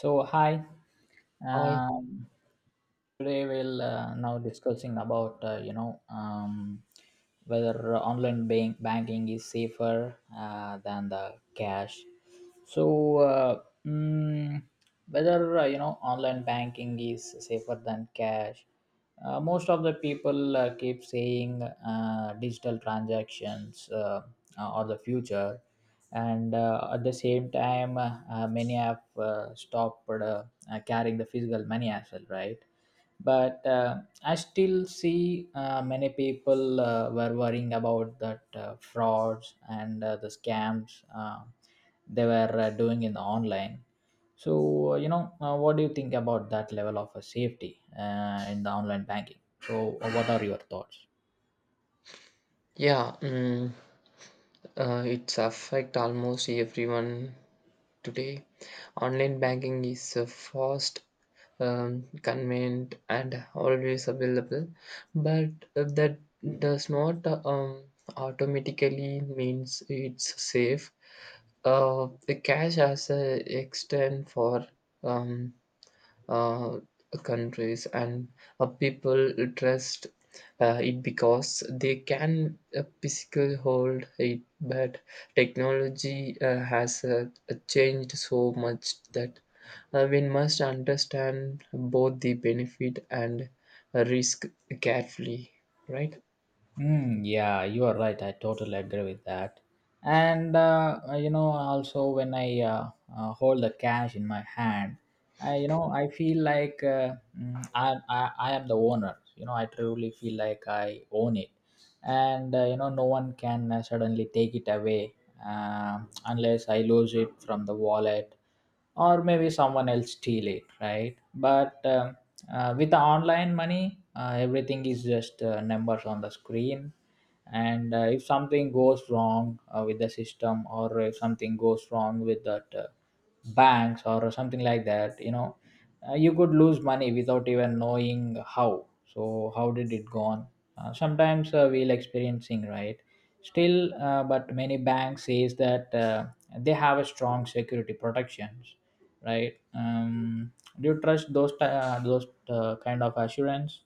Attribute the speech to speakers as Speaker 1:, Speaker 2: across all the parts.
Speaker 1: So hi,
Speaker 2: I
Speaker 1: um, today we'll now discussing about whether banking is safer than the cash. So whether online banking is safer than cash. Most of the people keep saying digital transactions are the future. And at the same time many have stopped carrying the physical money as well, right? But I still see many people were worrying about that frauds and the scams they were doing in the online. So what do you think about that level of safety in the online banking? So what are your thoughts?
Speaker 2: yeah, mm, it's affect almost everyone today. Online banking is fast, convenient, and always available, but that does not automatically means it's safe. The cash as a extend for um, uh, countries and people trust it because they can physically hold it, but technology has changed so much that we must understand both the benefit and risk carefully, right?
Speaker 1: Mm, yeah, you are right. I totally agree with that. And also when I hold the cash in my hand, I you know I feel like I am the owner. You know, I truly feel like I own it, and no one can suddenly take it away, uh, unless I lose it from the wallet, or maybe someone else steal it, right? But with the online money, everything is just numbers on the screen. And if something goes wrong with the system, or if something goes wrong with that banks or something like that, you could lose money without even knowing how. So how did it gone? Sometimes we'll experiencing, right? Still, but many banks says that they have a strong security protections, right? Do you trust those kind of assurance?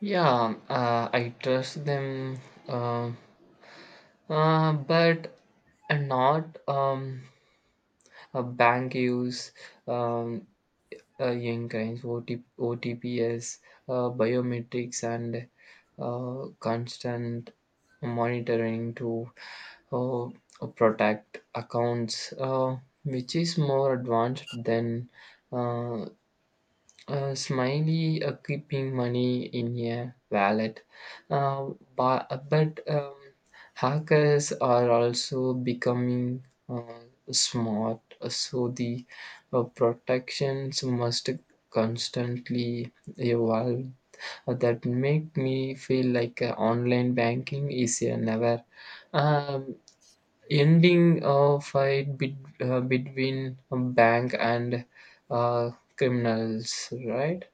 Speaker 2: Yeah, I trust them, uh, but not, a bank use um, young crimes, OT, OTPS, biometrics, and constant monitoring to uh, protect accounts, which is more advanced than uh, smiley keeping money in a wallet. Uh, but hackers are also becoming smart, so the protections must constantly evolve. That make me feel like online banking is a never um, ending fight between a bank and uh, criminals, right?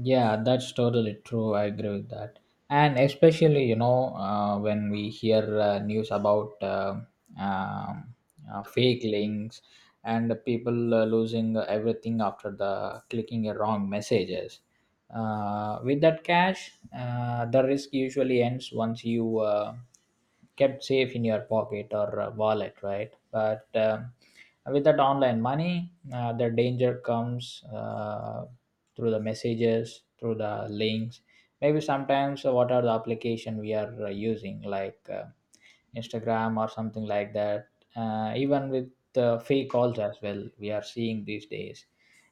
Speaker 1: Yeah, that's totally true. I agree with that. And especially, you know, when we hear news about um, fake links, and people losing everything after the clicking a wrong messages. With that cash, the risk usually ends once you kept safe in your pocket or wallet, right? But with that online money, the danger comes through the messages, through the links. Maybe sometimes what are the application we are using, like Instagram or something like that. Even with fake calls as well, we are seeing these days.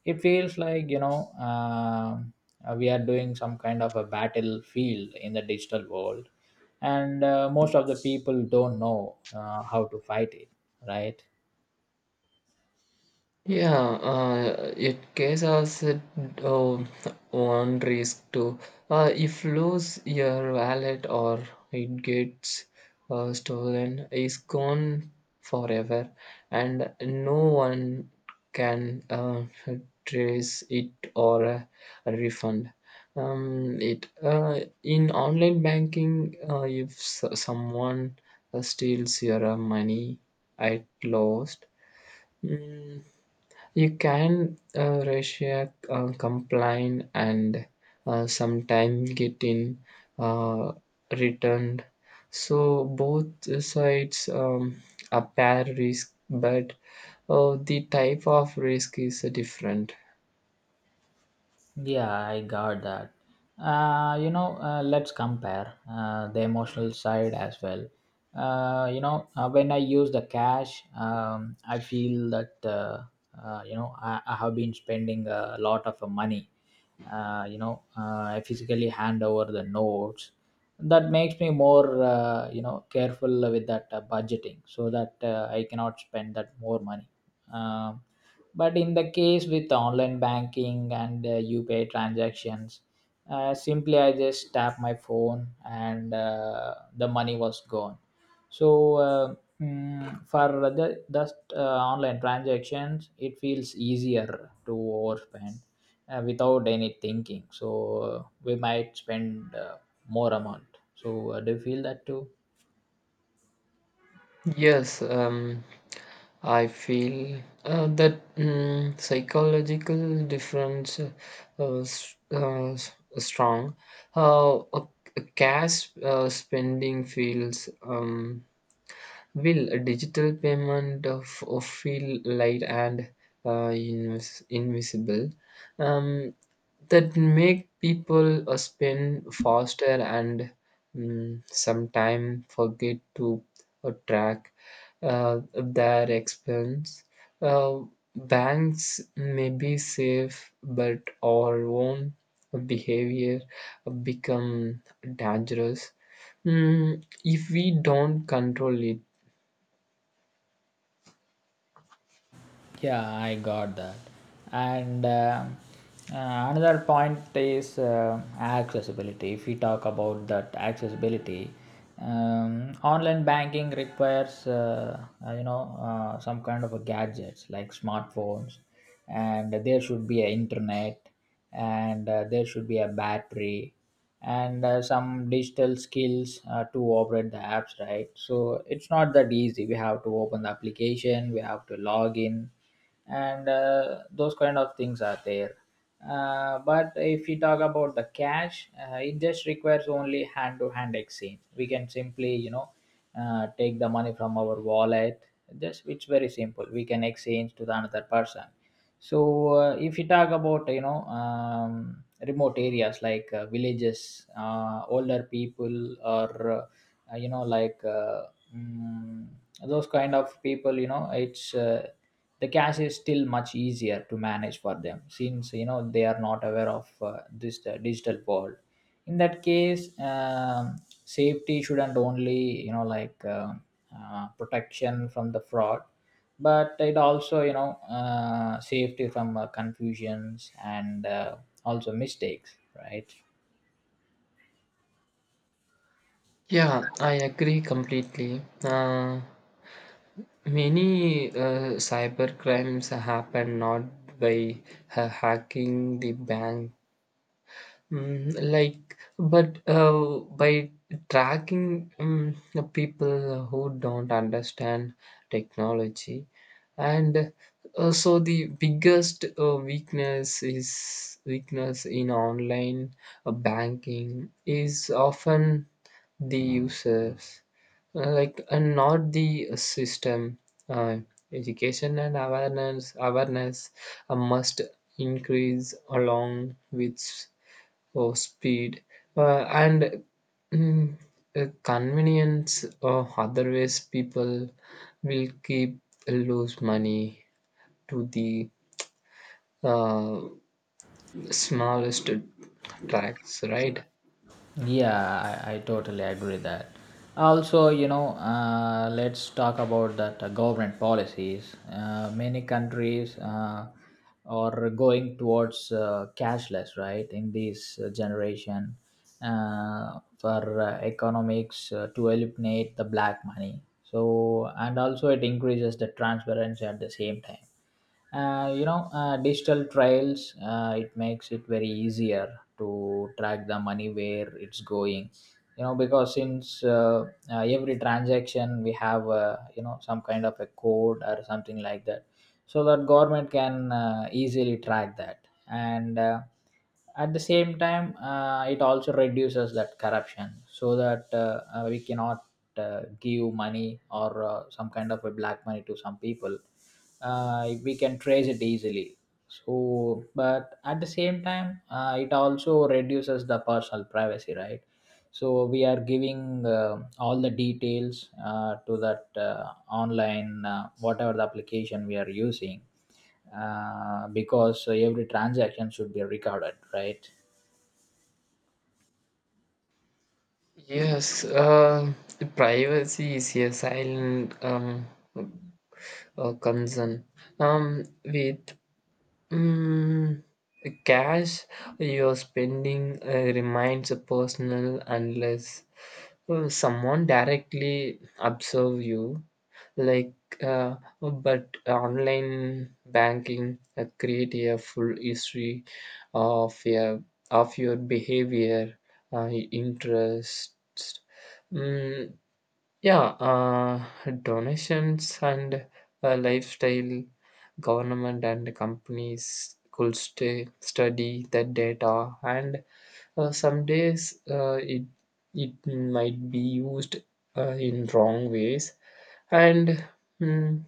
Speaker 1: It feels like we are doing some kind of a battlefield in the digital world, and most of the people don't know how to fight it, right?
Speaker 2: Yeah, it causes one risk too. If lose your wallet or it gets stolen, is gone forever, and no one can trace it or refund. It In online banking, if someone steals your money at lost. Mm, you can Russia complain and sometimes getting uh, returned. So both sides are pair risk, but the type of risk is different.
Speaker 1: Yeah, I got that. Let's compare the emotional side as well. When I use the cash, I feel that I, have been spending a lot of money. I physically hand over the notes. That makes me more careful with that budgeting, so that I cannot spend that more money. Um but in the case with online banking and UPI transactions, simply I just tap my phone, and the money was gone. So uh, mm, for the just online transactions, it feels easier to overspend without any thinking. So we might spend uh, more amount. So do you feel that too?
Speaker 2: Yes, I feel that, mm, psychological difference s- uh, s- strong. Uh, a, a cash spending feels, will a digital payment of feel light and invisible. Um, that make people spin faster, and mm, sometimes forget to track uh, their expense. Uh, banks may be safe, but our own behavior become dangerous, mm, if we don't control it.
Speaker 1: Yeah, I got that. And another point is accessibility. If we talk about that accessibility, online banking requires some kind of a gadgets like smartphones, and there should be an internet, and there should be a battery, and some digital skills to operate the apps, right? So it's not that easy. We have to open the application, we have to log in, and those kind of things are there. But if we talk about the cash, it just requires only hand to hand exchange. We can simply, you know, take the money from our wallet. Just it's very simple, we can exchange to the another person. So if you talk about, you know, remote areas like villages, older people, or uh, you know like uh, mm, those kind of people, you know, it's the cash is still much easier to manage for them, since you know they are not aware of this digital world. In that case, safety shouldn't only, you know like uh, protection from the fraud, but it also, you know, safety from confusions and also mistakes, right?
Speaker 2: Yeah, I agree completely. Many cyber crimes happen not by hacking the bank, mm, like but by tracking, mm, the people who don't understand technology, and so the biggest weakness is weakness in online banking is often the users, like, and not the system. uh, Education and awareness must increase along with or speed and, mm, convenience, or otherwise people will keep lose money to the uh, smallest tracks, right?
Speaker 1: Yeah, I totally agree that. Also, you know, let's talk about that government policies. Many countries are going towards cashless, right? In this generation, for economics to eliminate the black money. So, and also it increases the transparency. At the same time, digital trails it makes it very easier to track the money where it's going, you know, because since every transaction we have, some kind of a code or something like that, so that government can easily track that. And at the same time, it also reduces that corruption, so that we cannot give money, or some kind of a black money to some people. We can trace it easily. So but at the same time, it also reduces the personal privacy, right? So we are giving all the details to that online, whatever the application we are using, because every transaction should be recorded, right?
Speaker 2: Yes, privacy is a silent, concern. With, mm, cash, your spending remains personal unless someone directly observe you. Like, but online banking create a full history of your of your behavior, interests, mm, yeah, donations and lifestyle, government and companies could stay, study the data, and some days it might be used in wrong ways. And, mm,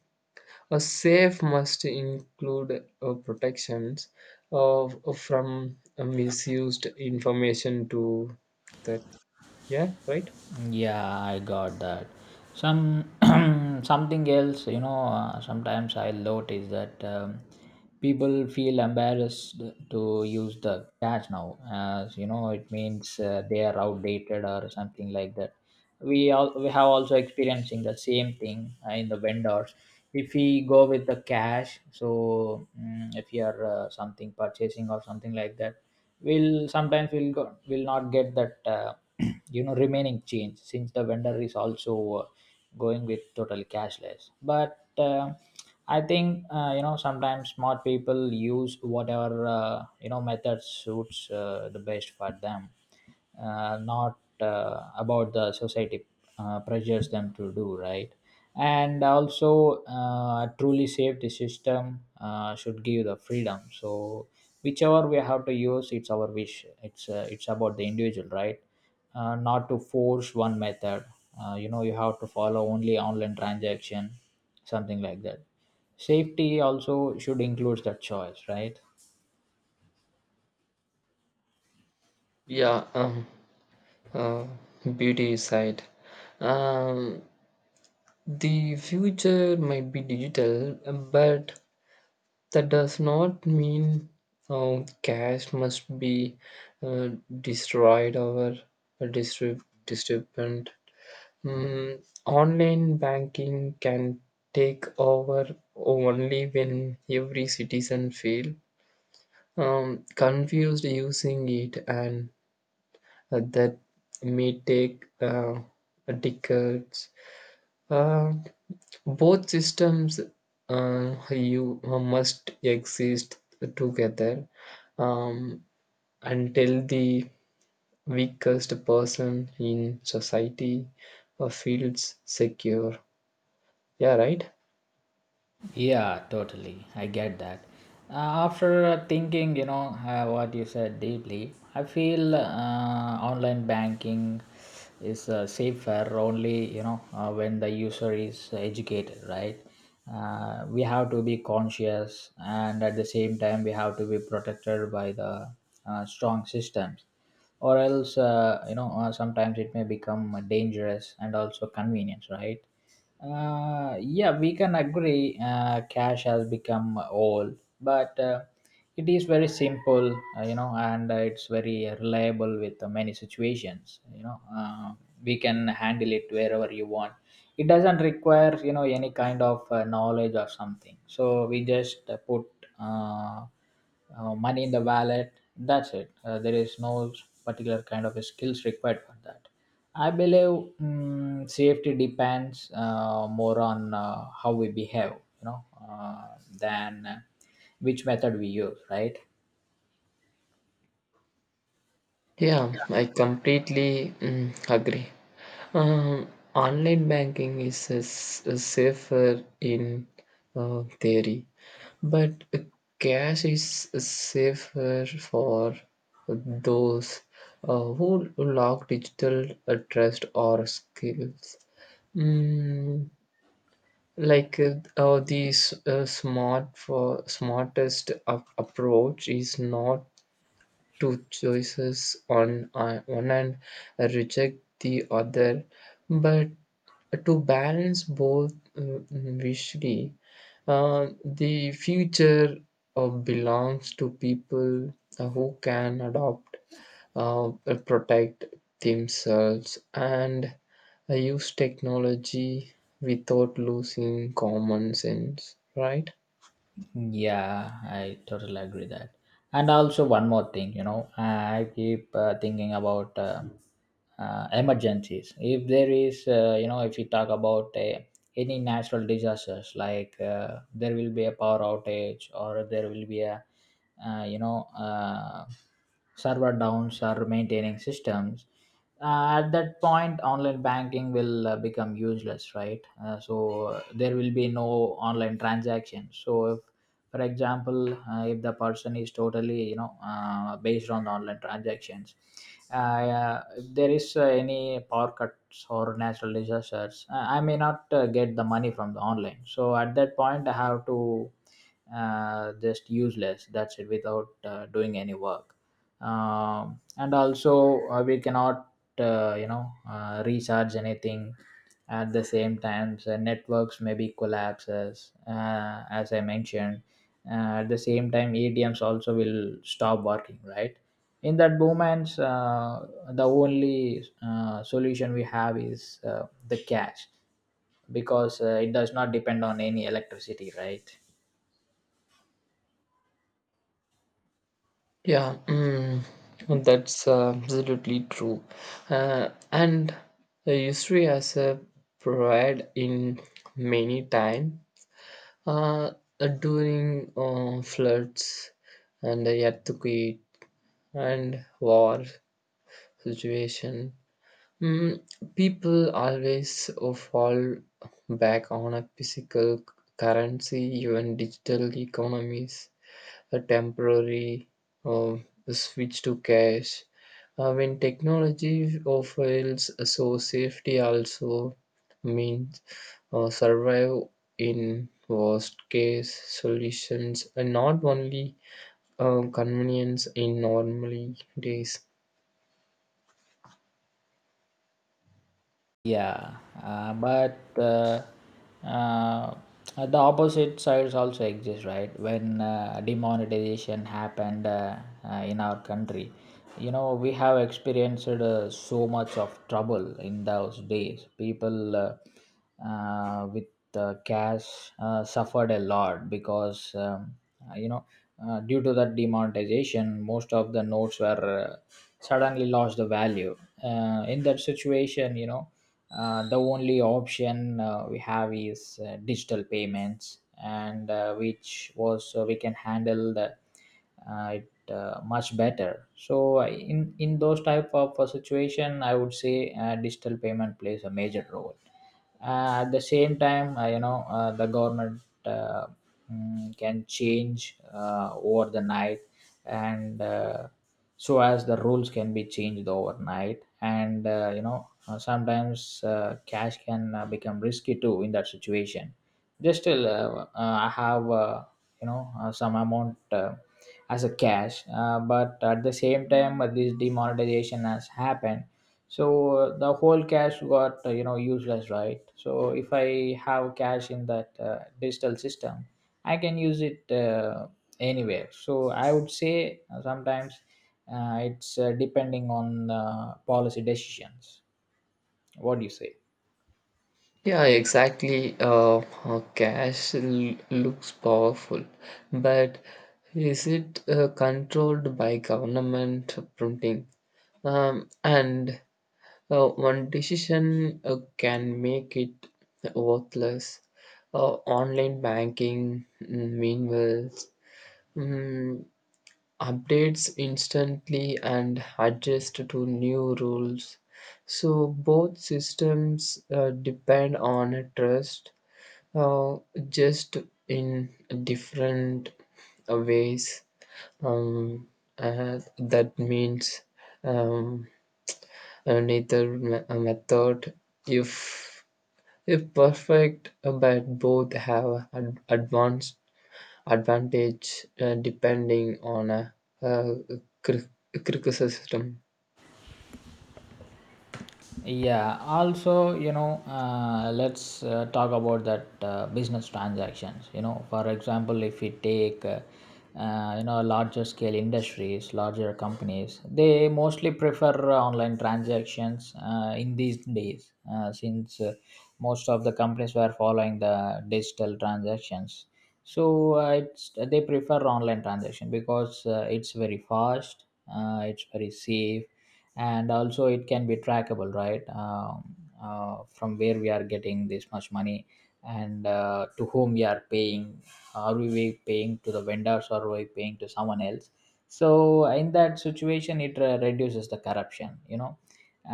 Speaker 2: a safe must include protections of, from misused information to that. Yeah, right.
Speaker 1: Yeah, I got that. Some something else, you know. Sometimes I notice that, people feel embarrassed to use the catch now, as you know, it means they are outdated or something like that. We all we have also experiencing the same thing in the vendors. If we go with the cash, so if you are something purchasing or something like that, we'll sometimes we'll go will not get that you know, remaining change, since the vendor is also going with total cashless. But I think sometimes smart people use whatever, method suits the best for them, not about the society pressures them to do, right? And also a truly safety system should give the freedom. So whichever we have to use, it's our wish. It's it's about the individual, right? Not to force one method, you have to follow only online transaction, something like that. Safety also should include that choice, right?
Speaker 2: Yeah, um, Uh, Beauty side. Um, the future might be digital, but that does not mean cash must be uh, destroyed or distributed. Mm, online banking can take over only when every citizen feel, confused using it, and that may take decades. Uh, both systems you must exist together, um, until the weakest person in society feels secure. Yeah, right?
Speaker 1: Yeah, totally. I get that. Uh, After thinking, you know, what you said deeply, I feel online banking is safer only, you know, when the user is educated, right? We have to be conscious, and at the same time, we have to be protected by the strong systems, or else, sometimes it may become dangerous and also convenience, right? Yeah, we can agree cash has become all, but it is very simple, and it's very reliable with many situations. You know, we can handle it wherever you want. It doesn't require, you know, any kind of knowledge or something. So we just put uh, money in the wallet, that's it. There is no particular kind of skills required for that, I believe. Safety depends more on how we behave, you know uh, than which method we use, right?
Speaker 2: Yeah, I completely, mm, agree. Um, online banking is safer in theory, but cash is safer for those who lack digital trust or skills. Mm, like, the smart for smartest approach is not two choices on one and reject the other, but to balance both, visually the future belongs to people who can adopt, uh, protect themselves and use technology without losing common sense, right?
Speaker 1: Yeah, I totally agree that. And also one more thing, you know, I keep thinking about emergencies. If there is, if you talk about any natural disasters, like there will be a power outage, or there will be a, uh, you know, uh, server downs or maintaining systems, at that point online banking will become useless, right? So there will be no online transactions. So if, for example, if the person is totally, based on online transactions, if there is any power cuts or natural disasters, I may not get the money from the online. So at that point I have to just use less, that's it, without doing any work. And also we cannot recharge anything. At the same time, the networks maybe collapses, as I mentioned. At the same time, adms also will stop working, right? In that moments, the only solution we have is the cash, because it does not depend on any electricity, right?
Speaker 2: Yeah, mm, that's absolutely true. And the history has provided in many time uh, during floods and the earthquake and war situation. Mm, people always fall back on a physical currency, even digital economies, a temporary, switch to cash. When technology offers so safety also means survive in worst case solutions, and not only convenience in normally days.
Speaker 1: Yeah, but uh, the opposite sides also exist, right? When demonetization happened in our country, you know, we have experienced so much of trouble in those days. People with cash suffered a lot because uh, you know due to that demonetization most of the notes were suddenly lost the value in that situation the only option we have is digital payments and which was we can handle the it much better. So in those type of situation I would say digital payment plays a major role. At the same time, the government can change over the night, and so as the rules can be changed overnight. And you know Sometimes cash can become risky too in that situation. Just still, I have, some amount as a cash, but at the same time this demonetization has happened, so the whole cash got, you know, useless, right? So if I have cash in that digital system, I can use it anywhere. So I would say sometimes it's depending on policy decisions. What do you say?
Speaker 2: Yeah, exactly. Cash looks powerful, but is it controlled by government printing? And One decision can make it worthless. Online banking, mm, meanwhile, mm, updates instantly and adjust to new rules. So both systems depend on trust, uh, just in different ways. Um, that means. Um, and either a method, if if perfect, but both have an advanced advantage depending on a, uh cri- criticism.
Speaker 1: Yeah, also, you know, let's talk about that business transactions. You know, for example, if we take, larger scale industries, larger companies, they mostly prefer online transactions in these days, since most of the companies were following the digital transactions. So it's they prefer online transaction because it's very fast, it's very safe, and also it can be trackable, right? From where we are getting this much money and to whom we are paying? Are we paying to the vendors or are we paying to someone else? So in that situation it reduces the corruption, you know.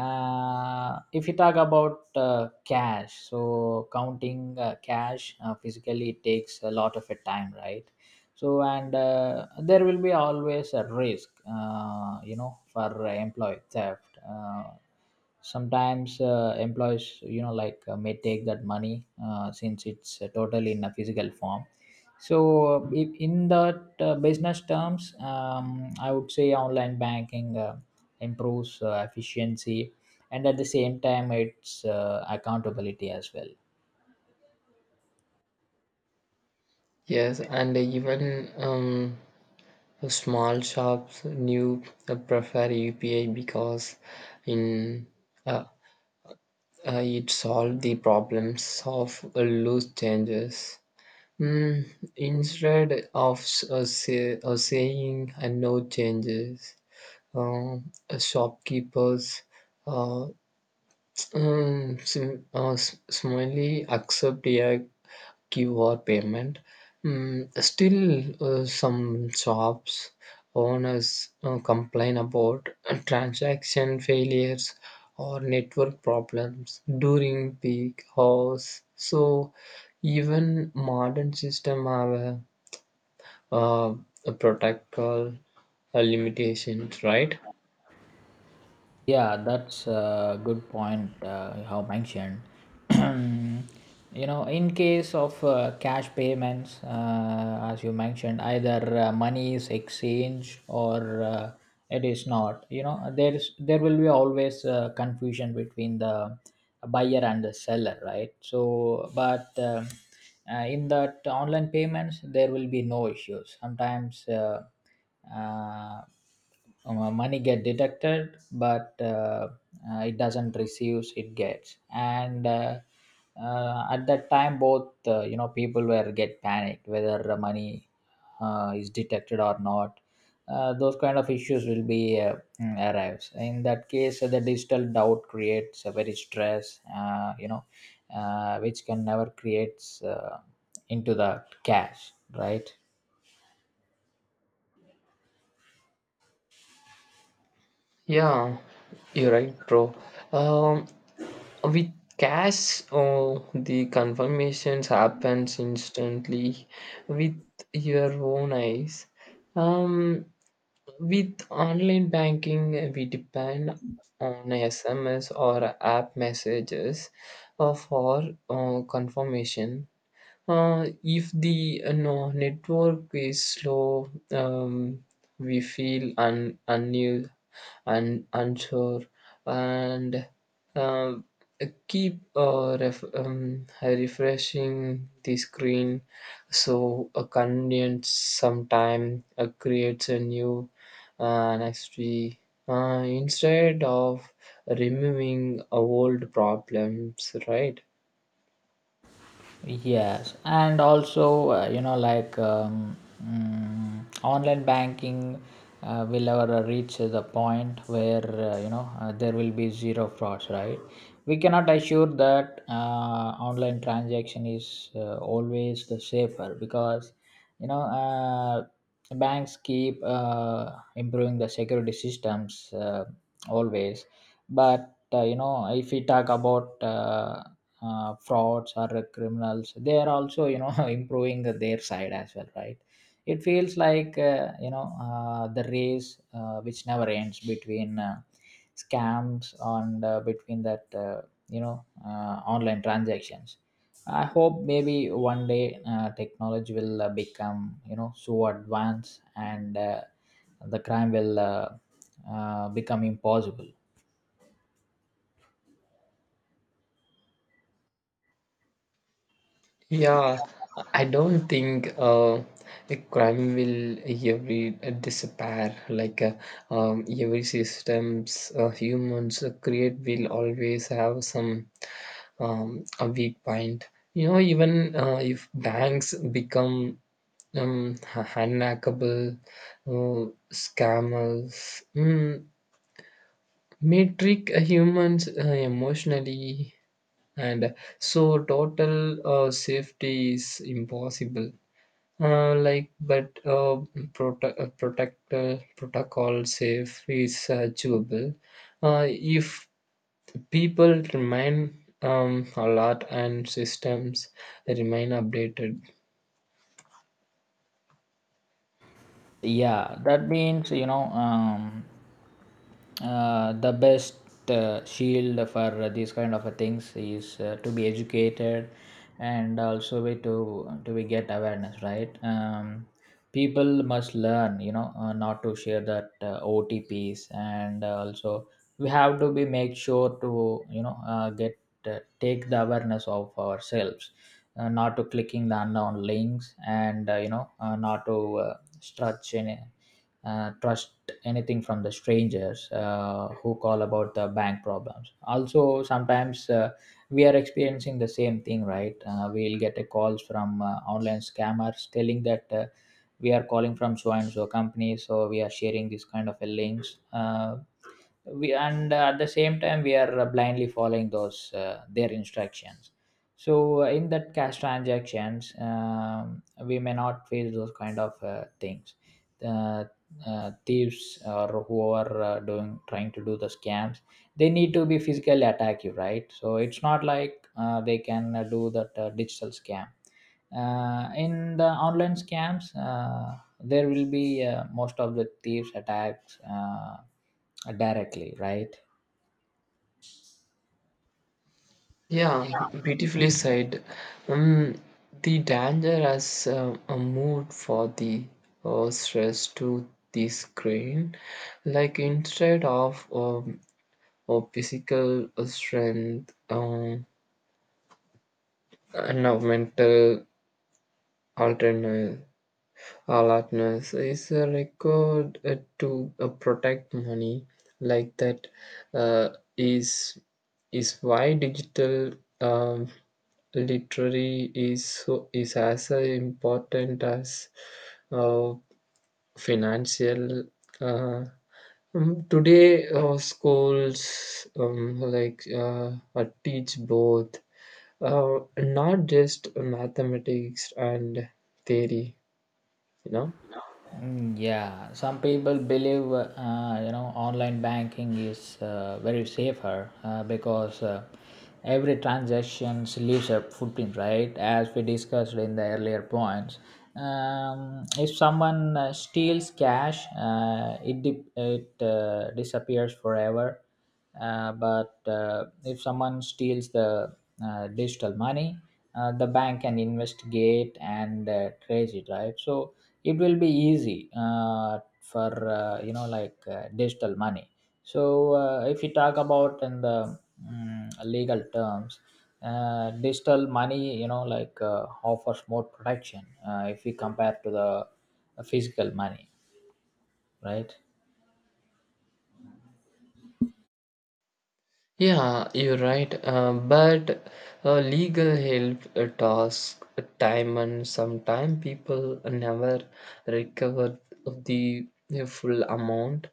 Speaker 1: If you talk about cash, so counting cash physically takes a lot of a time, right? So and there will be always a risk, for employee theft. Sometimes, employees, you know, like, may take that money since it's totally in a physical form. So if in that business terms, I would say online banking improves efficiency and at the same time it's accountability as well.
Speaker 2: Yes, and even, um small shops new prefer UPI because in, uh, it solve the problems of loose changes. Mm, instead of say, saying, no changes, shopkeepers, uh, smiley accept a QR payment. Mm, still, some shops owners complain about transaction failures or network problems during peak hours. So, even modern system have uh, a protocol limitations, right?
Speaker 1: Yeah, that's a good point you have mentioned. You know, in case of cash payments, as you mentioned, either money is exchanged or it is not. You know, there will be always confusion between the buyer and the seller, right? So, but in that online payments, there will be no issues. Sometimes. Uh, Money get deducted, but it doesn't receives it gets, and at that time both, people were get panicked whether the money is detected or not. Those kind of issues will be, arrives in that case. The digital doubt creates a very stress, which can never creates into the cash, right?
Speaker 2: Yeah, you're right, bro. Um, With cash, oh, the confirmations happens instantly with your own eyes. Um, with online banking, we depend on SMS or app messages for confirmation. If the, no, network is slow, we feel unused and unsure and uh, keep refreshing the screen, so a convenient sometime creates a new history instead of removing old problems, right?
Speaker 1: Yes, and also, online banking will ever reach the point where, there will be zero frauds, right? We cannot assure that online transaction is always the safer because, you know uh, banks keep improving the security systems always. But, if we talk about frauds or criminals, they are also, you know, improving their side as well, right? It feels like, the race which never ends between scams and between that, online transactions. I hope maybe one day technology will become, you know, so advanced and the crime will become impossible.
Speaker 2: Yeah, I don't think the crime will ever disappear. Like, every systems, humans create will always have some, a weak point. You know, even if banks become, unhackable, scammers, mm, may trick humans emotionally, and so total safety is impossible, like but prote- protect protocol safe is achievable if people remain, alert, and systems remain updated.
Speaker 1: Yeah, that means, the best shield for these kind of things is to be educated and also way to we get awareness, right? People must learn, not to share that otps, and also we have to be make sure to, get take the awareness of ourselves, not to clicking the unknown links, and not to trust, any, trust anything from the strangers who call about the bank problems. Also, sometimes we are experiencing the same thing, right? We'll get a calls from online scammers telling that we are calling from so and so company, so we are sharing this kind of a links. We and at the same time we are blindly following those their instructions. So in that cash transactions, we may not face those kind of things. uh, Thieves or who are doing trying to do the scams, they need to be physically attack you, right? So it's not like they can do that digital scam. In the online scams, there will be, most of the thieves attacks directly, right?
Speaker 2: Yeah, beautifully said. Um, the danger has moved for the stress to the screen, like, instead of, or physical strength, and of mental alternate alertness is a record to protect money, like that uh, is is why digital, um, literary is so is as important as uh, financial, uh, today schools, teach both, not just mathematics and theory, you know.
Speaker 1: Mm, yeah, some people believe, online banking is very safer because every transaction leaves a footprint, right? As we discussed in the earlier points, if someone steals cash, it disappears forever. But if someone steals the digital money, the bank can investigate and trace it, right? So it will be easy for, digital money. So if you talk about in the legal terms, digital money, you know, like, offers more protection if we compare to the physical money, right?
Speaker 2: Yeah, you're right. But legal help task time and sometime people never recover the full amount,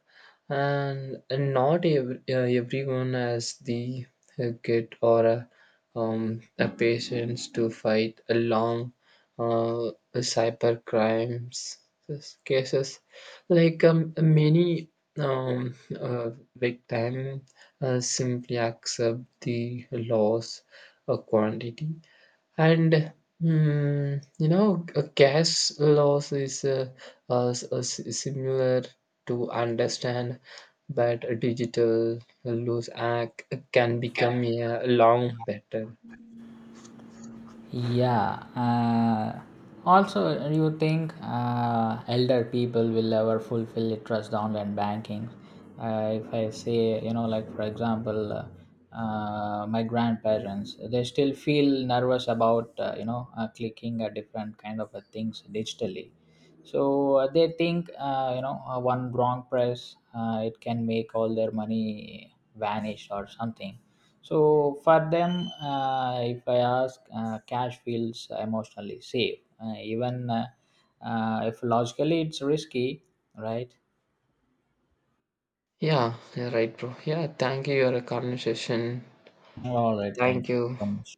Speaker 2: and not everyone has the kit or a patience to fight a long cyber crimes cases. Like, many, um, victims simply accept the loss of quantity, and mm, you know, a cash loss is similar to understand, but a digital loss act can become a long better.
Speaker 1: Yeah. Also, you think elder people will ever fulfill trust online banking? If I say, you know, like for example, my grandparents, they still feel nervous about, clicking a different kind of things digitally. So they think, one wrong press, it can make all their money vanish or something. So for them, if I ask, cash feels emotionally safe, even if logically it's risky, right?
Speaker 2: Yeah, you're right, bro. Yeah, thank you, your conversation.
Speaker 1: All right, thank
Speaker 2: Thank
Speaker 1: you
Speaker 2: you.
Speaker 1: so much.